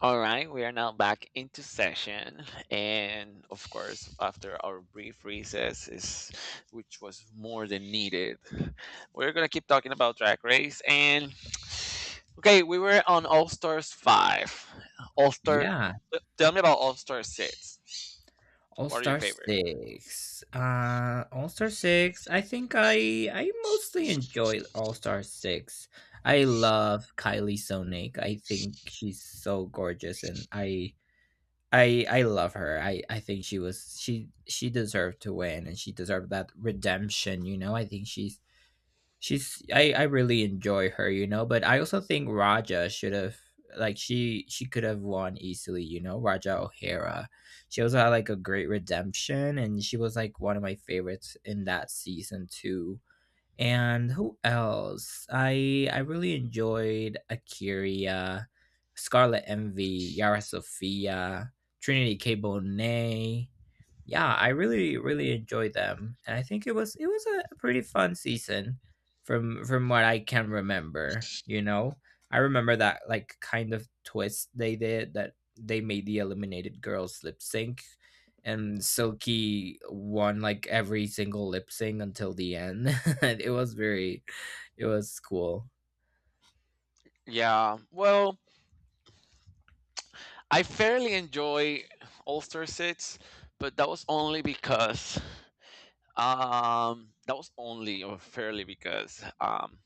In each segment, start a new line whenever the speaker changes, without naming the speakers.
All right, we are now back into session, and of course, after our brief recess, is which was more than needed, we're gonna keep talking about track race. We were on All Stars five, All Star.
Yeah,
Tell me about All Star six.
All
What are your
Star
favorite?
Six. All Star Six. I think I mostly enjoy All Star Six. I love Kylie Sonic. I think she's so gorgeous, and I love her. I think she was she deserved to win, and she deserved that redemption. You know, I think she's. I really enjoy her, you know, but I also think Raja should have like she could have won easily, you know, Raja O'Hara. She also had like a great redemption and she was like one of my favorites in that season too. And who else? I really enjoyed Akira, Scarlet Envy, Yara Sophia, Trinity K. Bonet, yeah, I really enjoyed them, and I think it was a pretty fun season from what I can remember. You know, I remember that like kind of twist they did, that they made the eliminated girls lip sync, and Silky won like every single lip sync until the end. And it was it was cool.
Yeah, well, I fairly enjoy All Star six, but that was only because that was only or fairly because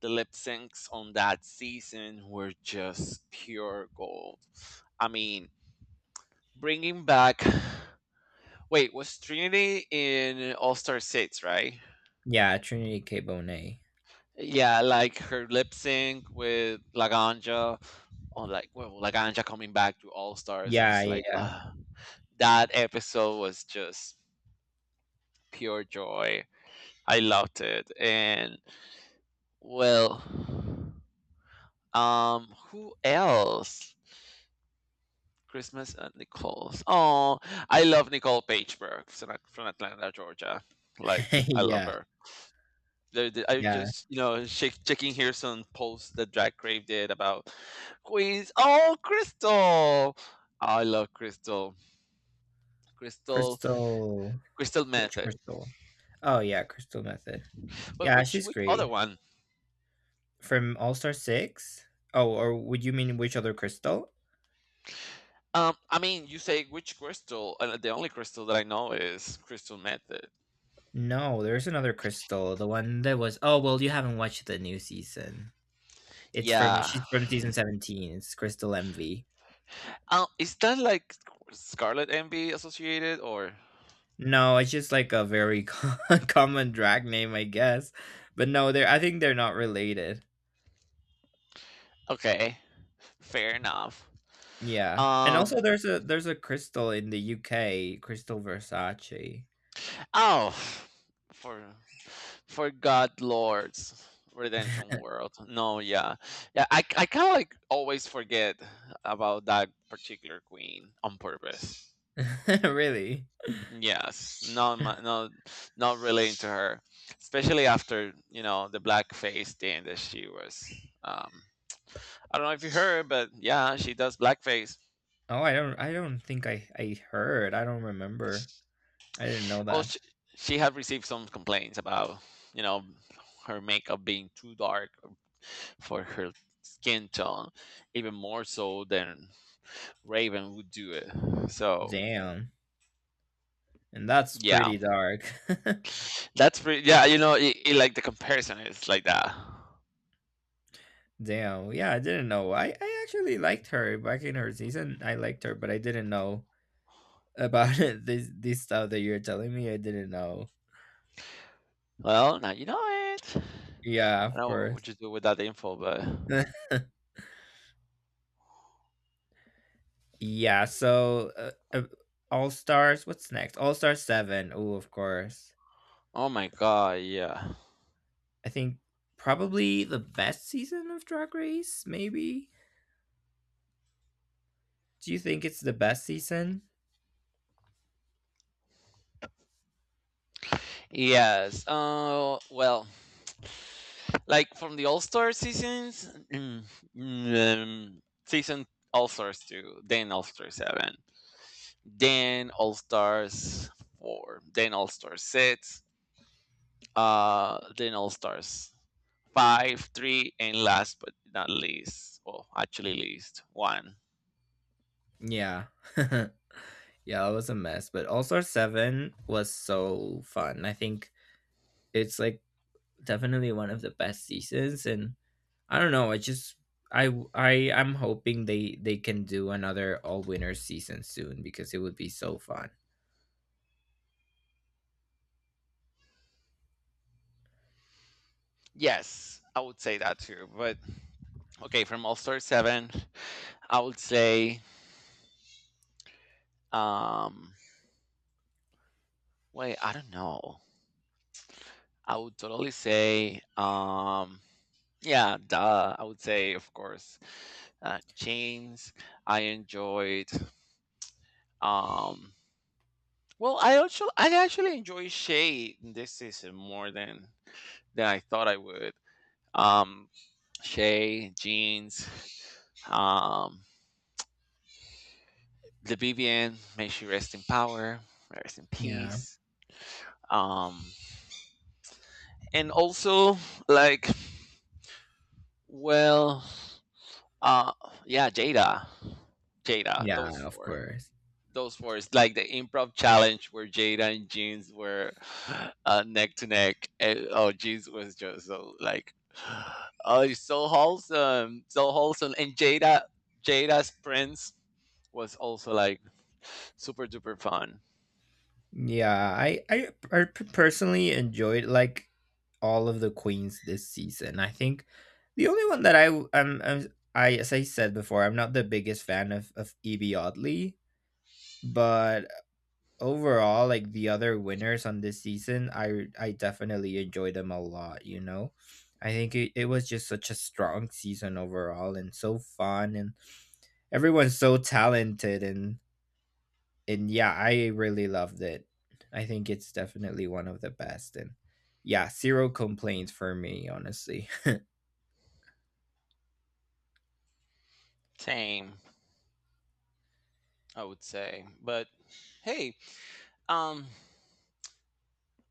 the lip syncs on that season were just pure gold. I mean, bringing back. Wait, was Trinity in All Star 6, right?
Yeah, Trinity K Bonet.
Yeah, like her lip sync with Laganja, or, like, well, Laganja coming back to All Stars. I
Yeah,
was like,
yeah,
ah, that episode was just pure joy. I loved it. And, well, who else? Christmas and Nicole's. Oh, I love Nicole Pageberg from Atlanta, Georgia. Like,
yeah.
I love
Yeah,
her. I
yeah.
just, you know, shake, checking here some posts that Drag Crave did about Queens. Oh, Crystal. Oh, I love Crystal. Crystal.
Crystal,
Crystal
which
Method.
Crystal? Oh, yeah, Crystal Method.
But
Yeah,
which
she's
which other
great.
one?
From All Star 6? Oh, or would you mean which other Crystal?
I mean, you say which crystal? And the only crystal that I know is Crystal Method.
No, there's another Crystal. The one that was. Oh, well, you haven't watched the new season. It's from
Yeah.
She's from season 17. It's Crystal Envy.
Is that like Scarlet Envy associated, or?
No, it's just like a very co common drag name, I guess. But no, they're I think they're not related.
Okay, fair enough.
Yeah. And also
Um,
there's a Crystal in the UK, Crystal Versace.
oh, for God Lords Redemption World. No, yeah, yeah. I kind of like always forget about that particular queen on purpose.
Really?
Yes, not not relating to her, especially after, you know, the blackface thing that she was. Um, I don't know if you heard, but yeah, she does blackface.
Oh, I don't think I heard. I don't remember. I didn't know
Well,
that.
she had received some complaints about, you know, her makeup being too dark for her skin tone, even more so than Raven would do it. So
Damn. And that's
yeah,
pretty dark.
that's pretty. Yeah, you know, like the comparison is like that.
Damn. Yeah, I didn't know. I actually liked her back in her season. I liked her, but I didn't know about it. This stuff that you're telling me, I didn't know.
Well, now you know it.
Yeah,
I don't
of
know
course.
what you do with that info, but
Yeah, so All Stars, what's next? All stars 7. Oh, of course.
oh my god, yeah,
I think probably the best season of Drag Race, maybe. Do you think it's the best season?
yes. Well. Like, from the All Star seasons, mm, mm, season All Stars two, then All Star seven, then All Stars four, then All Stars six, then All Stars five, three, and last but not least, well, actually least one.
Yeah. Yeah, it was a mess, but All-Star 7 was so fun. I think it's, like, definitely one of the best seasons, and I don't know, I just I I I'm hoping they can do another All Winners season soon because it would be so fun.
Yes, I would say that too. But okay, from All Star seven, I would say um, I don't know. I would totally say yeah, duh. I would say, of course, Chains. I enjoyed. Um, well, I also I actually enjoy Shay in this season more than I thought I would. Um, Shay, Jeans, um, the BBN. May she rest in power, rest in
Yeah.
peace. Um, and also like, well, uh, yeah, Jada, Jada.
Yeah,
Those
of
four.
course.
Those four. It's like the improv challenge where Jada and Jeans were neck to neck. And, oh, Jeans was just so like, oh, it's so wholesome, so wholesome. And Jada, Jada's prince was also like super duper fun.
Yeah, I personally enjoyed like all of the queens this season. I think the only one that I, as I said before, I'm not the biggest fan of Evie Oddly, but overall, like the other winners on this season, I definitely enjoyed them a lot. You know, I think it was just such a strong season overall, and so fun, and everyone's so talented, and yeah, I really loved it. I think it's definitely one of the best. And yeah, zero complaints for me, honestly.
Same, I would say. But hey, um,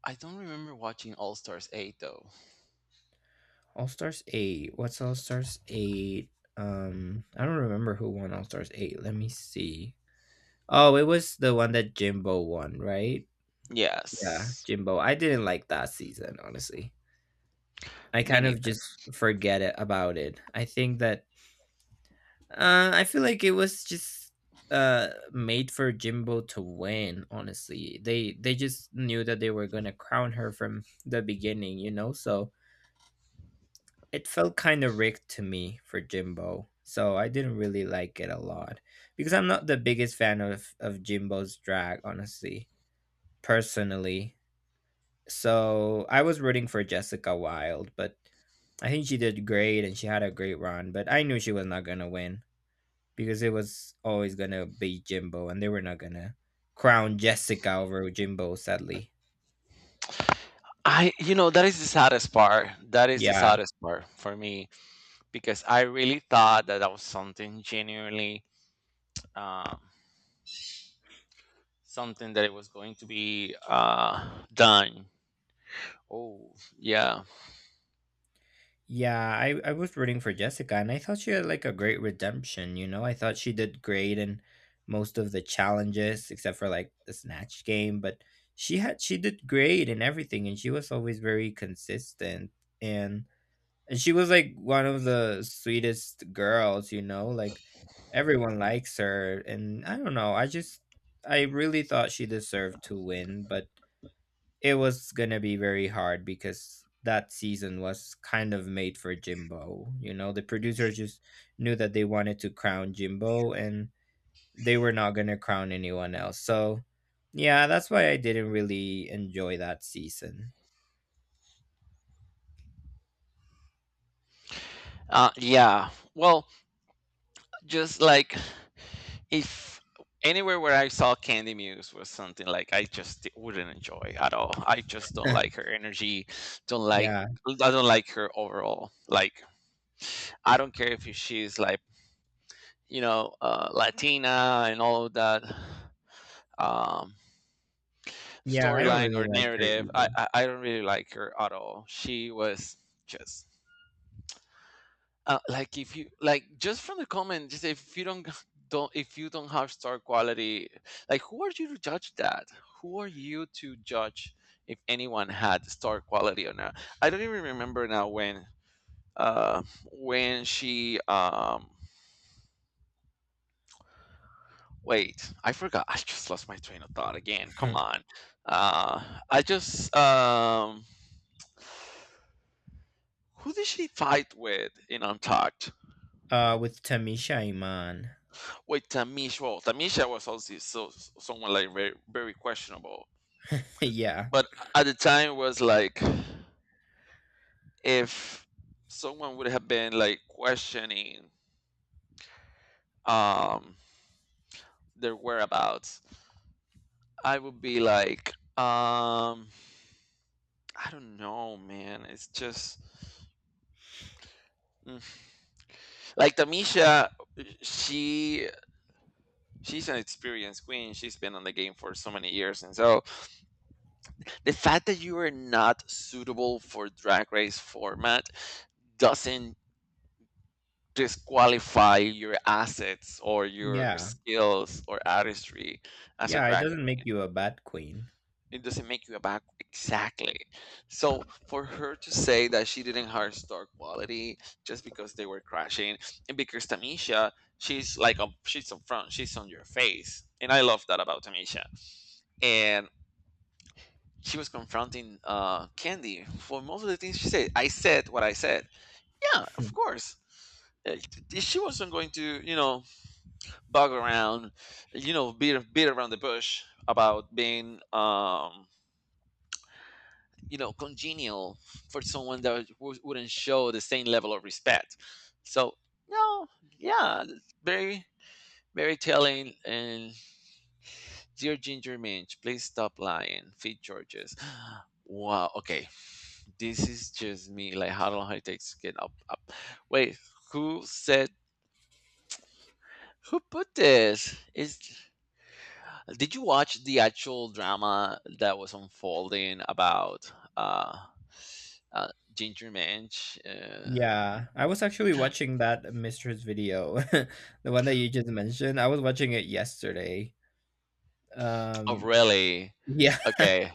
I don't remember watching All Stars Eight though.
All Stars 8. What's All Stars 8? I don't remember who won All Stars 8. Let me see. Oh, it was the one that Jimbo won, right? Yeah,
Yes,
Jimbo. I didn't like that season, honestly. I
me
kind of
neither.
just forget it about it. I think that I feel like it was just made for Jimbo to win. Honestly, they just knew that they were gonna crown her from the beginning, you know. So it felt kind of rigged to me for Jimbo. So I didn't really like it a lot because I'm not the biggest fan of Jimbo's drag, honestly, personally. So I was rooting for Jessica Wilde, but I think she did great and she had a great run. But I knew she was not gonna win, because it was always gonna be Jimbo, and they were not gonna crown Jessica over Jimbo, sadly.
I, you know, that is the saddest part. That is the
Yeah,
saddest part for me, because I really thought that that was something genuinely, um, something that it was going to be done. Oh, yeah.
yeah, I was rooting for Jessica, and I thought she had like a great redemption. You know, I thought she did great in most of the challenges, except for like the snatch game, but she did great in everything, and she was always very consistent and and she was like one of the sweetest girls, you know, like everyone likes her. And I don't know, I really thought she deserved to win, but it was gonna be very hard because that season was kind of made for Jimbo. You know, the producers just knew that they wanted to crown Jimbo and they were not gonna crown anyone else. So, yeah, that's why I didn't really enjoy that season.
Yeah. Well, just like, if anywhere where I saw Candy Muse was something like, I just wouldn't enjoy at all. I just don't like her energy. Don't like.
Yeah,
I don't like her overall. Like, I don't care if she's like, you know, Latina and all of that. Um,
yeah, I don't
storyline
really
or
like her
narrative. I,
either.
I I don't really like her at all. She was just like, if you like, just from the comment, just if you don't if you don't have star quality, like, who are you to judge that? Who are you to judge if anyone had star quality or not? I don't even remember now uh when she wait, I forgot, I just lost my train of thought again. Come on, I just. Who did she fight with in Untucked?
With Tamisha Iman.
With Tamisha. Well, Tamisha was also so, someone like very, very questionable.
Yeah,
But at the time, it was like, if someone would have been like questioning um their whereabouts, I would be like, um, I don't know, man. It's just mm. like Tamisha. She she's an experienced queen. She's been on the game for so many years, and so the fact that you are not suitable for drag race format doesn't disqualify your assets or your
yeah,
skills or artistry as a
yeah. It
drag
doesn't
queen,
make you a bad queen.
it doesn't make you a back exactly. So for her to say that she didn't hire star quality just because they were crashing, and because tamisha, she's like a, she's up front, she's on your face, and I love that about tamisha. And she was confronting Candy for most of the things she said. I said what I said. Yeah, of course. Uh, She wasn't going to, you know, bug around, you know, beat around the bush about being, you know, congenial for someone that wouldn't show the same level of respect. So, no, yeah, very, very telling. And dear Ginger Minch, please stop lying. Feed Georges. Wow. Okay. This is just me. Like, how long it takes to get up? Up. Wait, who said? Who put this? Is did you watch the actual drama that was unfolding about uh Ginger Minch?
Yeah, I was actually watching that mistress video, the one that you just mentioned. I was watching it yesterday.
Oh,
Um,
really?
yeah.
Okay.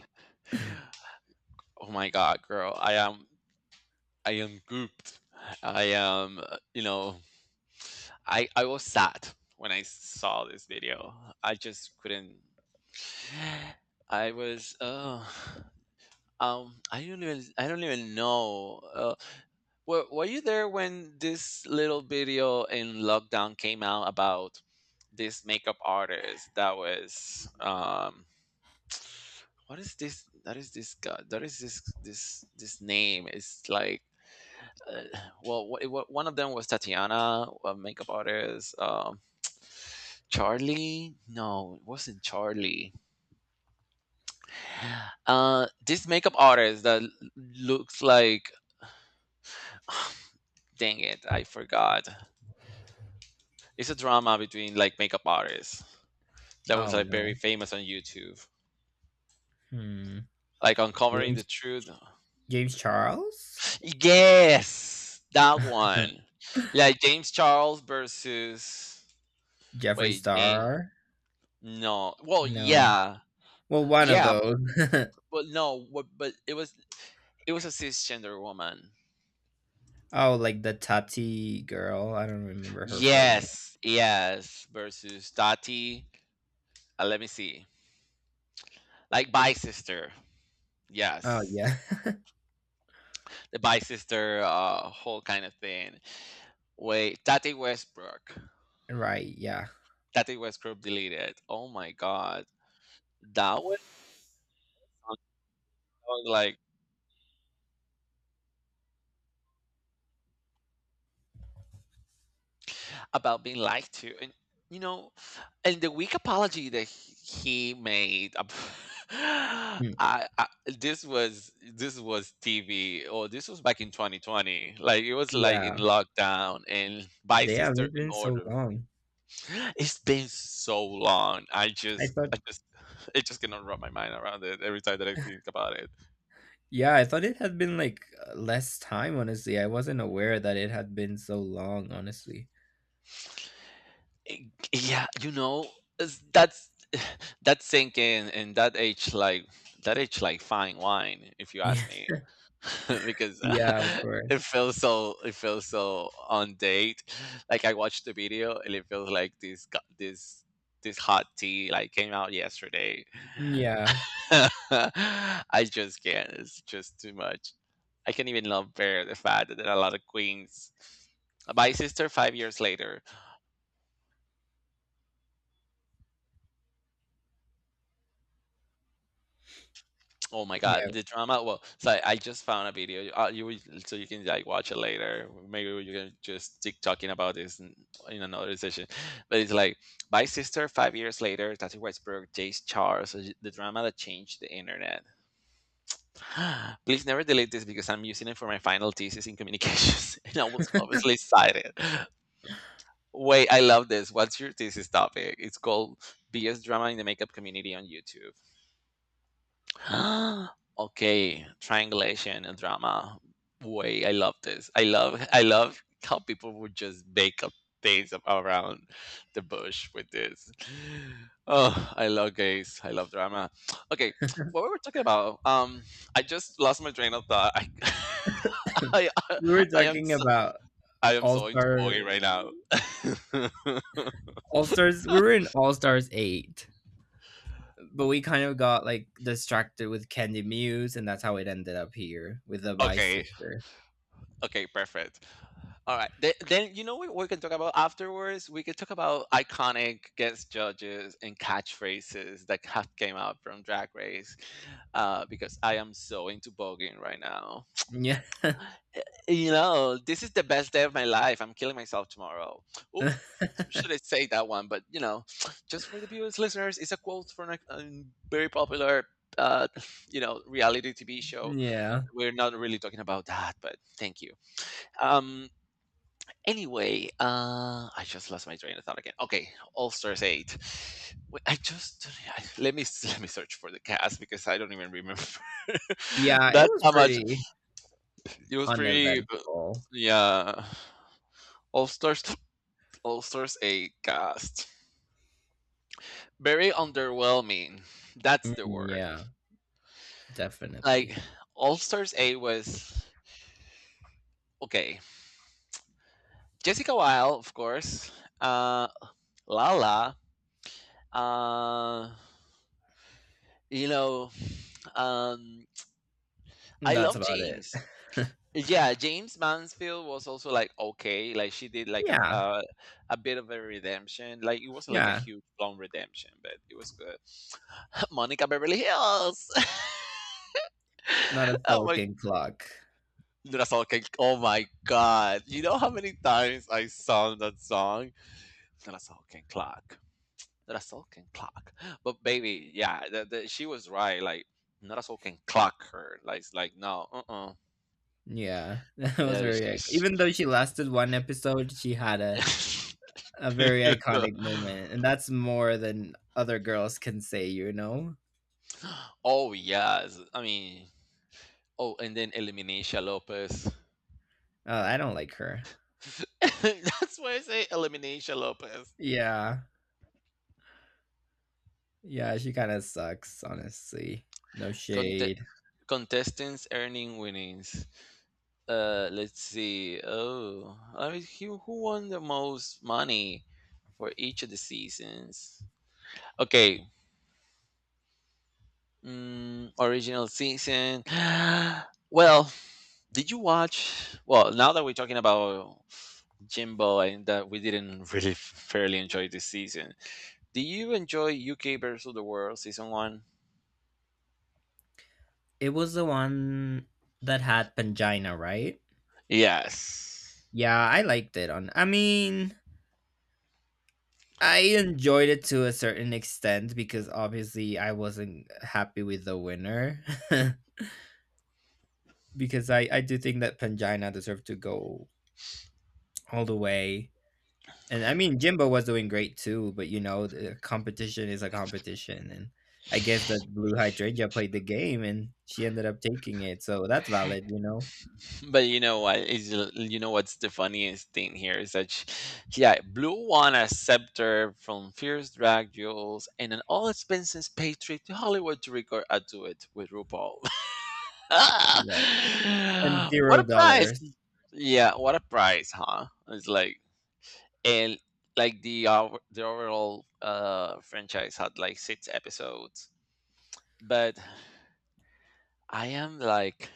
Oh my God, girl. I am. I am gooped. I am. You know. I was sad when I saw this video. I just couldn't. I was. Oh. I don't even know. Were you there when this little video in lockdown came out about this makeup artist that was what is this that is this guy that is this name, it's like uh, well it one of them was Tatiana, a makeup artist, Charlie, no, it wasn't Charlie, this makeup artist that looks like, dang it, I forgot. It's a drama between like makeup artists that was
Oh
like very
no.
famous on YouTube,
Hmm.
like uncovering the
James
truth.
James Charles,
Yes, that one. Like James Charles versus
Jeffree
wait, James.
Star.
No, well,
No.
yeah,
Well, one of
yeah,
those.
but no, but it was a cisgender woman.
Oh, like the Tati girl. I don't remember her full name.
Yes, yes, versus Tati. Let me see, like bi sister.
Oh
Yes,
yeah.
the bi sister, whole kind of thing. Wait, Tati Westbrook.
Right. Yeah.
That it was group deleted. Oh my god, that was something like about being lied to, and you know, and the weak apology that he made.
Hmm.
I this was TV, or this was back in 2020. Like, it was like in
Yeah.
lockdown and by
Damn,
sister
it's
in
been so
order.
long.
It's been so long.
I thought,
I just it just cannot wrap my mind around it every time that I think about it.
yeah, I thought it had been like less time, honestly. I wasn't aware that it had been so long, honestly.
Eh, yeah, you know, that's that's sinking in that age like fine wine, if you
Yeah.
ask me, because
Yeah, of course.
it feels so on date. Like, I watched the video and it feels like this this hot tea like came out yesterday.
Yeah,
I just can't. It's just too much. I can't even love bear the fact that there are a lot of queens. My sister, 5 years later, oh my God,
yeah.
the drama. Well, so I just found a video. So you can like watch it later. Maybe you can just keep talking about this in another session. But it's like my sister 5 years later, Tati Westbrook, Jace Charles, the drama that changed the internet. Please never delete this because I'm using it for my final thesis in communications, and I was obviously cited. Wait, I love this. What's your thesis topic? It's called BS drama in the makeup community on YouTube. okay, triangulation and drama. Boy, I love this. I love how people would just make up things around the bush with this. Oh, I love gays. I love drama. Okay, what we were talking about. I just lost my train of thought. I I,
We were
I am
talking
so,
about
I am
All
so into
Star,
boy right now.
All Stars. We were in All Stars 8, but we kind of got like distracted with Candy Muse, and that's how it ended up here with the Vice
Okay,
Sister.
okay, perfect. All right. Then you know what we can talk about afterwards? We could talk about iconic guest judges and catchphrases that have came out from Drag Race, because I am so into voguing right now.
Yeah.
You know, this is the best day of my life. I'm killing myself tomorrow. Oh, should I say that one? But, you know, just for the viewers, listeners, it's a quote from a very popular, uh, you know, reality TV show.
Yeah.
We're not really talking about that, but thank you. Um, Anyway, I just lost my train of thought again. Okay, All Stars Eight. Wait, I just let me let me search for the cast because I don't even remember.
Yeah, it
That's
was
how much
pretty
it was. Pretty,
uneventful.
yeah. All Stars, All Stars Eight cast. Very underwhelming. That's the
Mm,
word.
yeah,
Like
definitely.
All Stars Eight was okay. Jessica Wilde, of course. Uh, Lala. Uh, you know, um I
That's
love
about it.
James. Yeah, James Mansfield was also like okay, like she did like
Yeah,
a bit of a redemption. Like it wasn't like a
yeah.
huge long redemption, but it was good. Monica Beverly Hills.
Not a
oh my
sulking clock.
Nuna Salkin. Oh my god. You know how many times I sung that song? Nuna Salkin clock. Nuna Salkin clock. But baby, yeah, she was right. Like Nuna Salkin clock her. Like it's like no, uh
Yeah, that was
Yeah,
very ic, even though she lasted 1 episode, she had a
she-
a very iconic moment, and that's more than other girls can say, you know?
oh yes, I mean, oh, and then Elimination Lopez.
I don't like her.
That's why I say Elimination Lopez.
Yeah. Yeah, she kinda sucks, honestly. No
Conte-
shade.
contestants earning winnings. Let's see. Oh, I mean, who won the most money for each of the seasons? Okay, mm, original season. well, did you watch? Well, now that we're talking about Jimbo and that we didn't really fairly enjoy this season, do you enjoy UK versus the World season 1?
It was the one that had Pangina, right?
Yes.
Yeah, I liked it on I enjoyed it to a certain extent because obviously I wasn't happy with the winner because I do think that Pangina deserved to go all the way. And I mean, Jimbo was doing great too, but you know, the competition is a competition and I guess that Blue Hydrangea played the game and she ended up taking it. So that's valid, you know.
But you know what's the funniest thing here is that sh yeah, Blue won a scepter from Fierce Drag Jewels and an all expenses paid trip to Hollywood to record a duet with RuPaul.
Right. And
What
zero
a
dollar.
prize! Yeah, what a prize, huh? It's like and like the overall franchise had like six episodes but I am like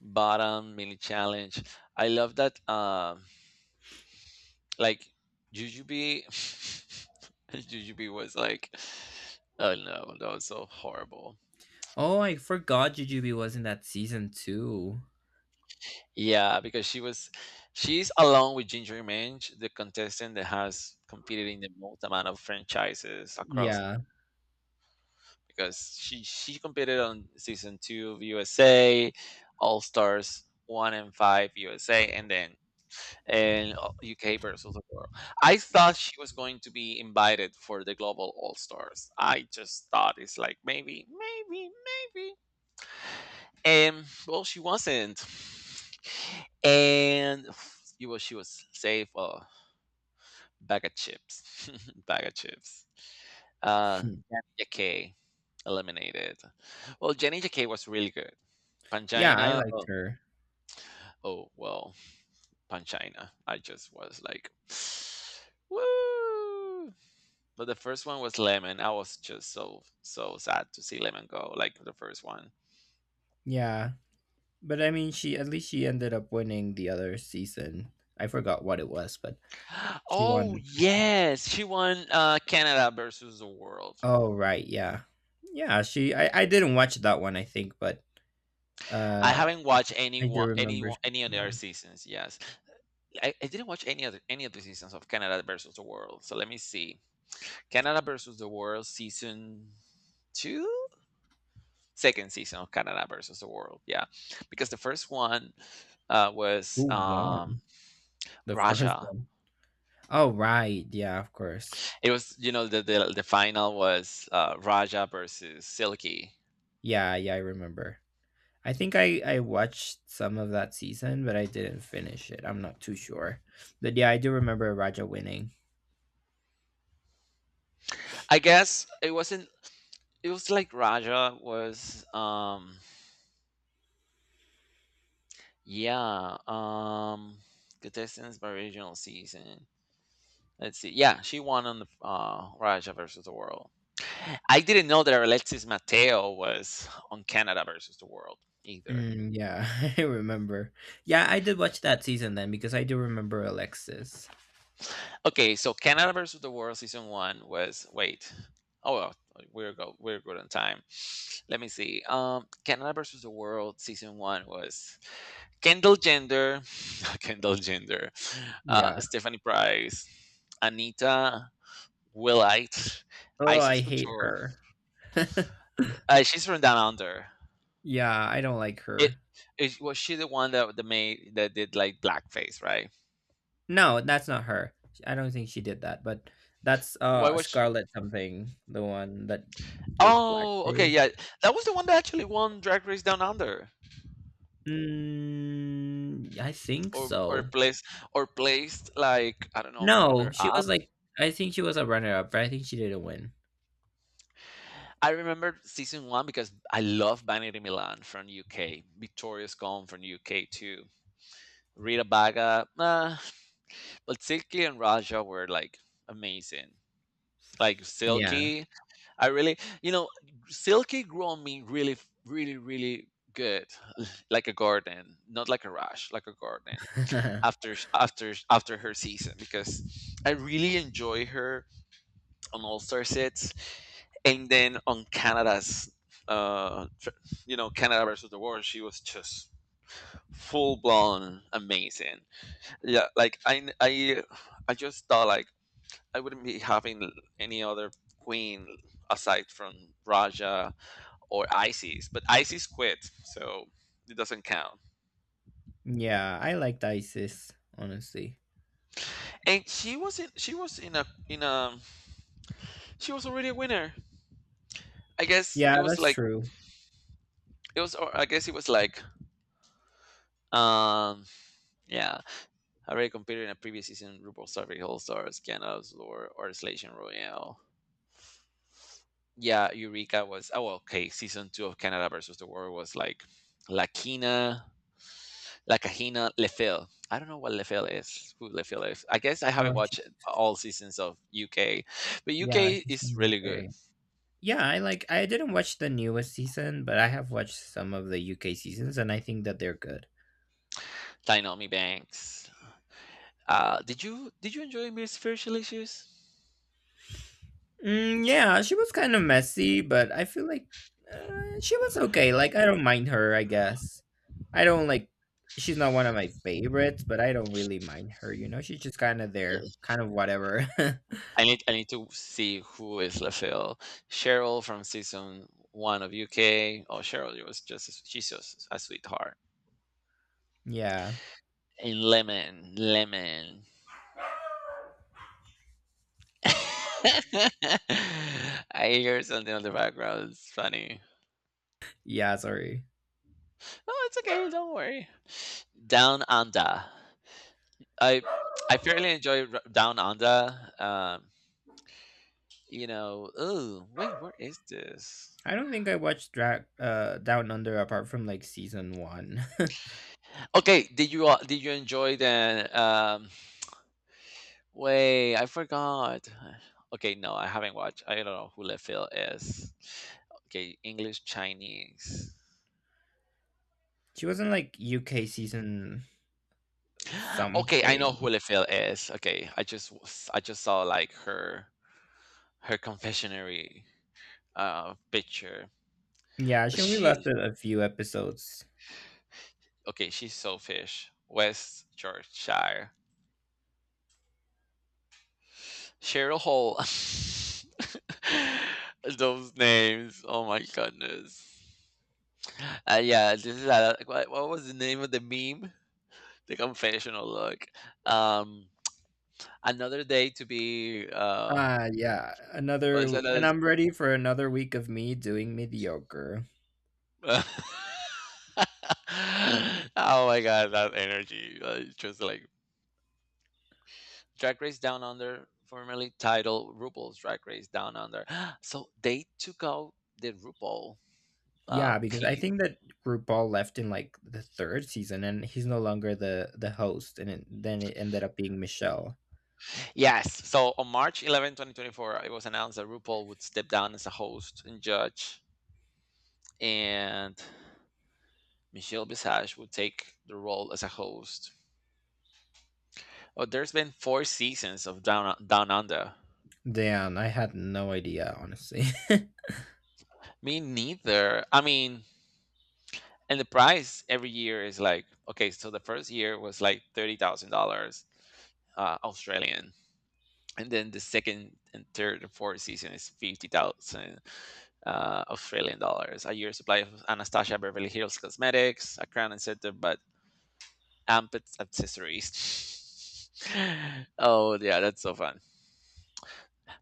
bottom mini challenge. I love that like jujubee jujubee was like oh no that was so horrible.
Oh, I forgot Jujubee was in that season too.
Yeah, because she's along with ginger mange the contestant that has competed in the most amount of franchises across
Yeah.
because she competed on season 2 of USA, All Stars 1 and 5 USA, and then and UK versus the world. I thought she was going to be invited for the Global All Stars. I just thought it's like maybe, and well, she wasn't, and it was she was safe. Bag of chips. Bag of chips.
Hmm.
Jenny Jacquet eliminated. Well, Jenny Jacquet was really good.
Yeah, I
Pangina,
liked
oh,
her.
oh well, Pangina. I just was like, woo! But the first one was Lemon. I was just so sad to see Lemon go. Like the first one.
Yeah. But I mean, she at least she ended up winning the other season. I forgot what it was, but she
Oh
won.
yes, she won Canada versus the world.
Oh, right. Yeah. Yeah, she, I didn't watch that one, I think, but
I
uh
haven't watched any
I do
one,
remember she
any
she
other
won.
seasons. Yes, I didn't watch any other any of the seasons of Canada versus the World. So let me see. Canada versus the World season 2, second season of Canada versus the World. Yeah, because the first one was
Who won? The first
Raja.
one. Oh, right. Yeah, of course.
It was you know the final was Raja versus Silky.
Yeah, yeah, I remember. I think I watched some of that season, but I didn't finish it. I'm not too sure, but yeah, I do remember Raja winning.
I guess it wasn't. It was like Raja was yeah contestants by regional season. Let's see. Yeah, she won on the Raja versus the World. I didn't know that Alexis Mateo was on Canada versus the World either.
Mm, yeah. I remember. Yeah, I did watch that season then because I do remember Alexis.
Okay, so Canada versus the World season 1 was wait. Oh well, we're good on time. Let me see. Canada versus the World season one was Kendall Jenner, Kendall Jenner,
Yeah.
Stephanie Price, Anita Willite,
Oh,
Isis
I hate
Couture.
her.
She's from Down Under.
Yeah, I don't like
It
her.
is was she the one that the maid that did like blackface, right?
No, that's not her. I don't think she did that, but that's
Why was sh
Scarlet something, the one that did
Oh, okay,
blackface.
yeah. That was the one that actually won Drag Race Down Under.
Mm, I think
Or or
so.
placed or placed like I don't know,
No,
runner
she
up.
was like I think she was a runner up, but I think she didn't win.
I remember season 1 because I love Vanity Milan from UK. Victoria's from UK too. Rita Baga, nah. But Silky and Raja were like amazing. Like
Yeah.
Silky I really, you know, Silky grew on me really, really good, like a garden, not like a rush, like a garden. After her season, because I really enjoy her on All Star sets, and then on Canada's, uh, tr- you know, Canada versus the world, she was just full blown amazing. Yeah, like I just thought like I wouldn't be having any other queen aside from Raja or Isis, but Isis quit, so it doesn't count.
Yeah, I liked Isis, honestly.
And she was in a she was already a winner. I guess
Yeah,
it was
that's
like
true.
it was or I guess it was like um yeah I already competed in a previous season RuPaul's Drag Race All Stars, Canada's or Slation Royale. Yeah, Eureka was oh well, okay season 2 of Canada versus the world was like Lakina La Cajina Lefel. I don't know what Lefel is. Who Lefel is? I guess I haven't
Oh,
watched all seasons of UK, but
yeah,
UK
she's
is
from
really good.
UK. Yeah, I like I didn't watch the newest season, but I have watched some of the UK seasons and I think that they're good.
Tainomi Banks. Did you enjoy Miss Spiritual Issues?
Mm, yeah, she was kind of messy, but I feel like she was okay. Like I don't mind her, I guess. I don't like she's not one of my favorites, but I don't really mind her, you know? She's just kind of there,
Eh,
kind of whatever.
I need to see who is Lefel. Cheryl from season 1 of UK. Oh, Cheryl, it was just she's just a sweetheart.
Yeah.
And Lemon, Lemon. I hear something on the background. It's funny.
Yeah, sorry.
No, it's okay. Don't worry. Down Under. I I fairly enjoy R- Down Under. You know, oh wait, where is this?
I don't think I watched Drag Down Under apart from like season 1.
Okay, did you enjoy the um? Wait, I forgot. Okay, no, I haven't watched. I don't know who Lefil is. Okay, English Chinese.
She wasn't like UK season
Okay, I know
something.
who Lefil is. Okay, I just saw like her her confessionary picture.
Yeah, she only
She
lasted a few episodes.
Okay, she's selfish. West Yorkshire. Cheryl Hall. Those names. Oh my goodness. Yeah, this is a, what was the name of the meme? The confessional look. Um, another day to be.
Yeah,
Was
another
another.
and I'm ready for another week of me doing mediocre.
Oh my god, that energy! Uh, it's just like Drag Race Down Under, formerly titled RuPaul's Drag Race Down Under. So they took out the RuPaul
Yeah, because I
piece.
think that RuPaul left in like the third season, and he's no longer the host, and then it ended up being Michelle.
Yes. So on March 11, 2024, it was announced that RuPaul would step down as a host and judge, and Michelle Visage would take the role as a host. Oh, there's been four seasons of Down Under.
Damn, I had no idea, honestly.
Me neither. I mean, and the price every year is like okay. So the first year was like $30,000 Australian, and then the second and third and fourth season is 50,000 Australian dollars, a year supply of Anastasia Beverly Hills cosmetics, a crown and center, but amped accessories. Oh, yeah, that's so fun.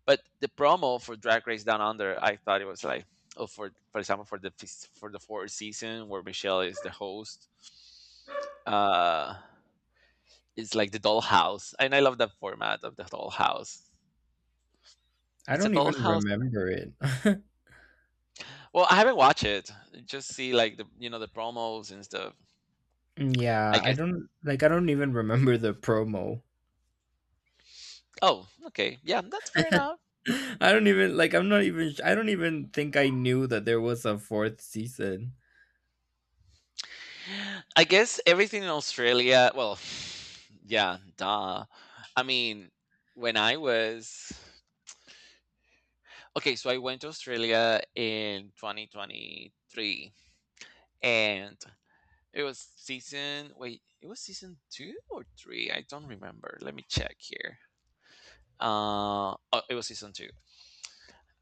But the promo for Drag Race Down Under, I thought it was like, oh, for example, for for the fourth season where Michelle is the host, uh, it's like the dollhouse, and I love that format of the dollhouse.
I
It's a
don't even
dollhouse.
remember it.
Well, I haven't watched it. Just see like the you know the promos and stuff. I
Yeah, I
guess.
don't like I don't even remember the promo.
Oh, okay. Yeah, that's fair enough.
I don't even like I don't even think I knew that there was a fourth season.
I guess everything in Australia. Well, yeah, duh. I mean, when I was okay, so I went to Australia in 2023, and it was season. Wait, it was season 2 or three. I don't remember. Let me check here. Oh, it was season two.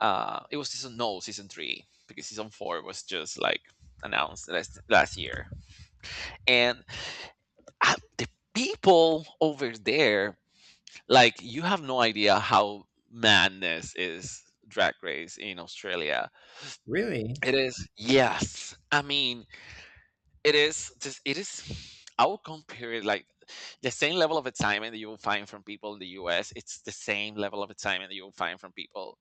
It was season no season 3 because season 4 was just like announced last year, and the people over there, like you have no idea how madness is Drag Race in Australia.
Really?
It is yes. I mean, it is just it is I would compare it like the same level of excitement that you will find from people in the US. It's the same level of excitement that you will find from people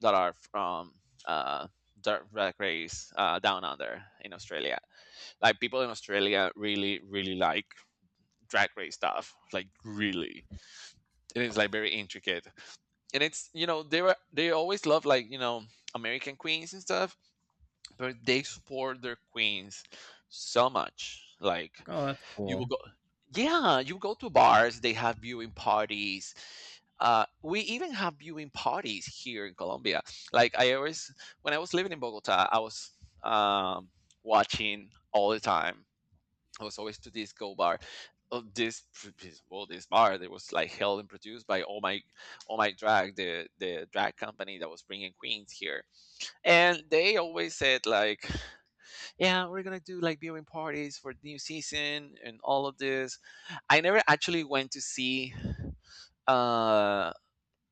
that are from uh dirt drag race down under in Australia. Like people in Australia really, really like drag race stuff. Like really. It is like very intricate. And it's you know, they always love like, you know, American queens and stuff but they support their queens so much. Like
Oh, that's
you
cool.
will go, yeah, you go to bars. They have viewing parties. We even have viewing parties here in Colombia. Like I always, when I was living in Bogota, I was um, watching all the time. I was always to this go bar. Of this, well, this bar that was like held and produced by all my drag, the drag company that was bringing queens here and they always said like yeah, we're gonna do like viewing parties for the new season and all of this. I never actually went to see uh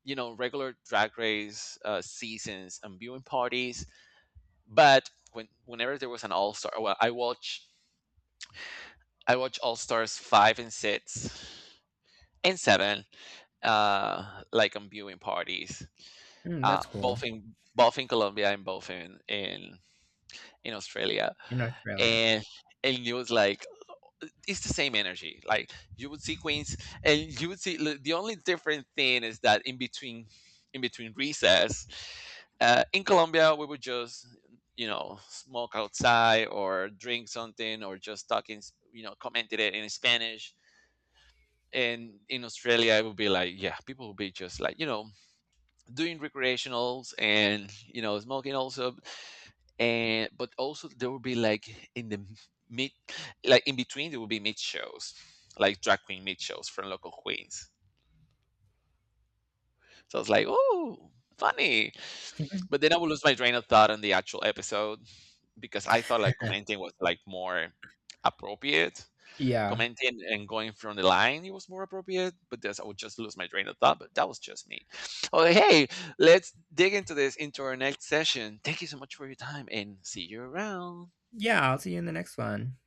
you know regular drag race seasons and viewing parties, but when whenever there was an all star well I watch All Stars 5 and 6 and 7 like on viewing parties.
Mm, that's cool.
Both in Colombia and both in Australia.
In Australia.
And and it was like it's the same energy. Like you would see Queens, and you would see li- the only different thing is that in between recess, in Colombia we would just you know smoke outside or drink something or just talk in s- you know commented it in Spanish. And in Australia, it would be like, yeah, people would be just like, you know, doing recreationals and, you know, smoking also and but also there will be like in the mid like in between there will be mid shows like drag queen mid shows from local queens so I was like oh funny but then I would lose my train of thought on the actual episode because I thought like commenting was like more appropriate
Yeah.
commenting and going from the line it was more appropriate but this I would just lose my train of thought but that was just me. Oh hey, let's dig into this into our next session. Thank you so much for your time and see you around.
Yeah, I'll see you in the next one.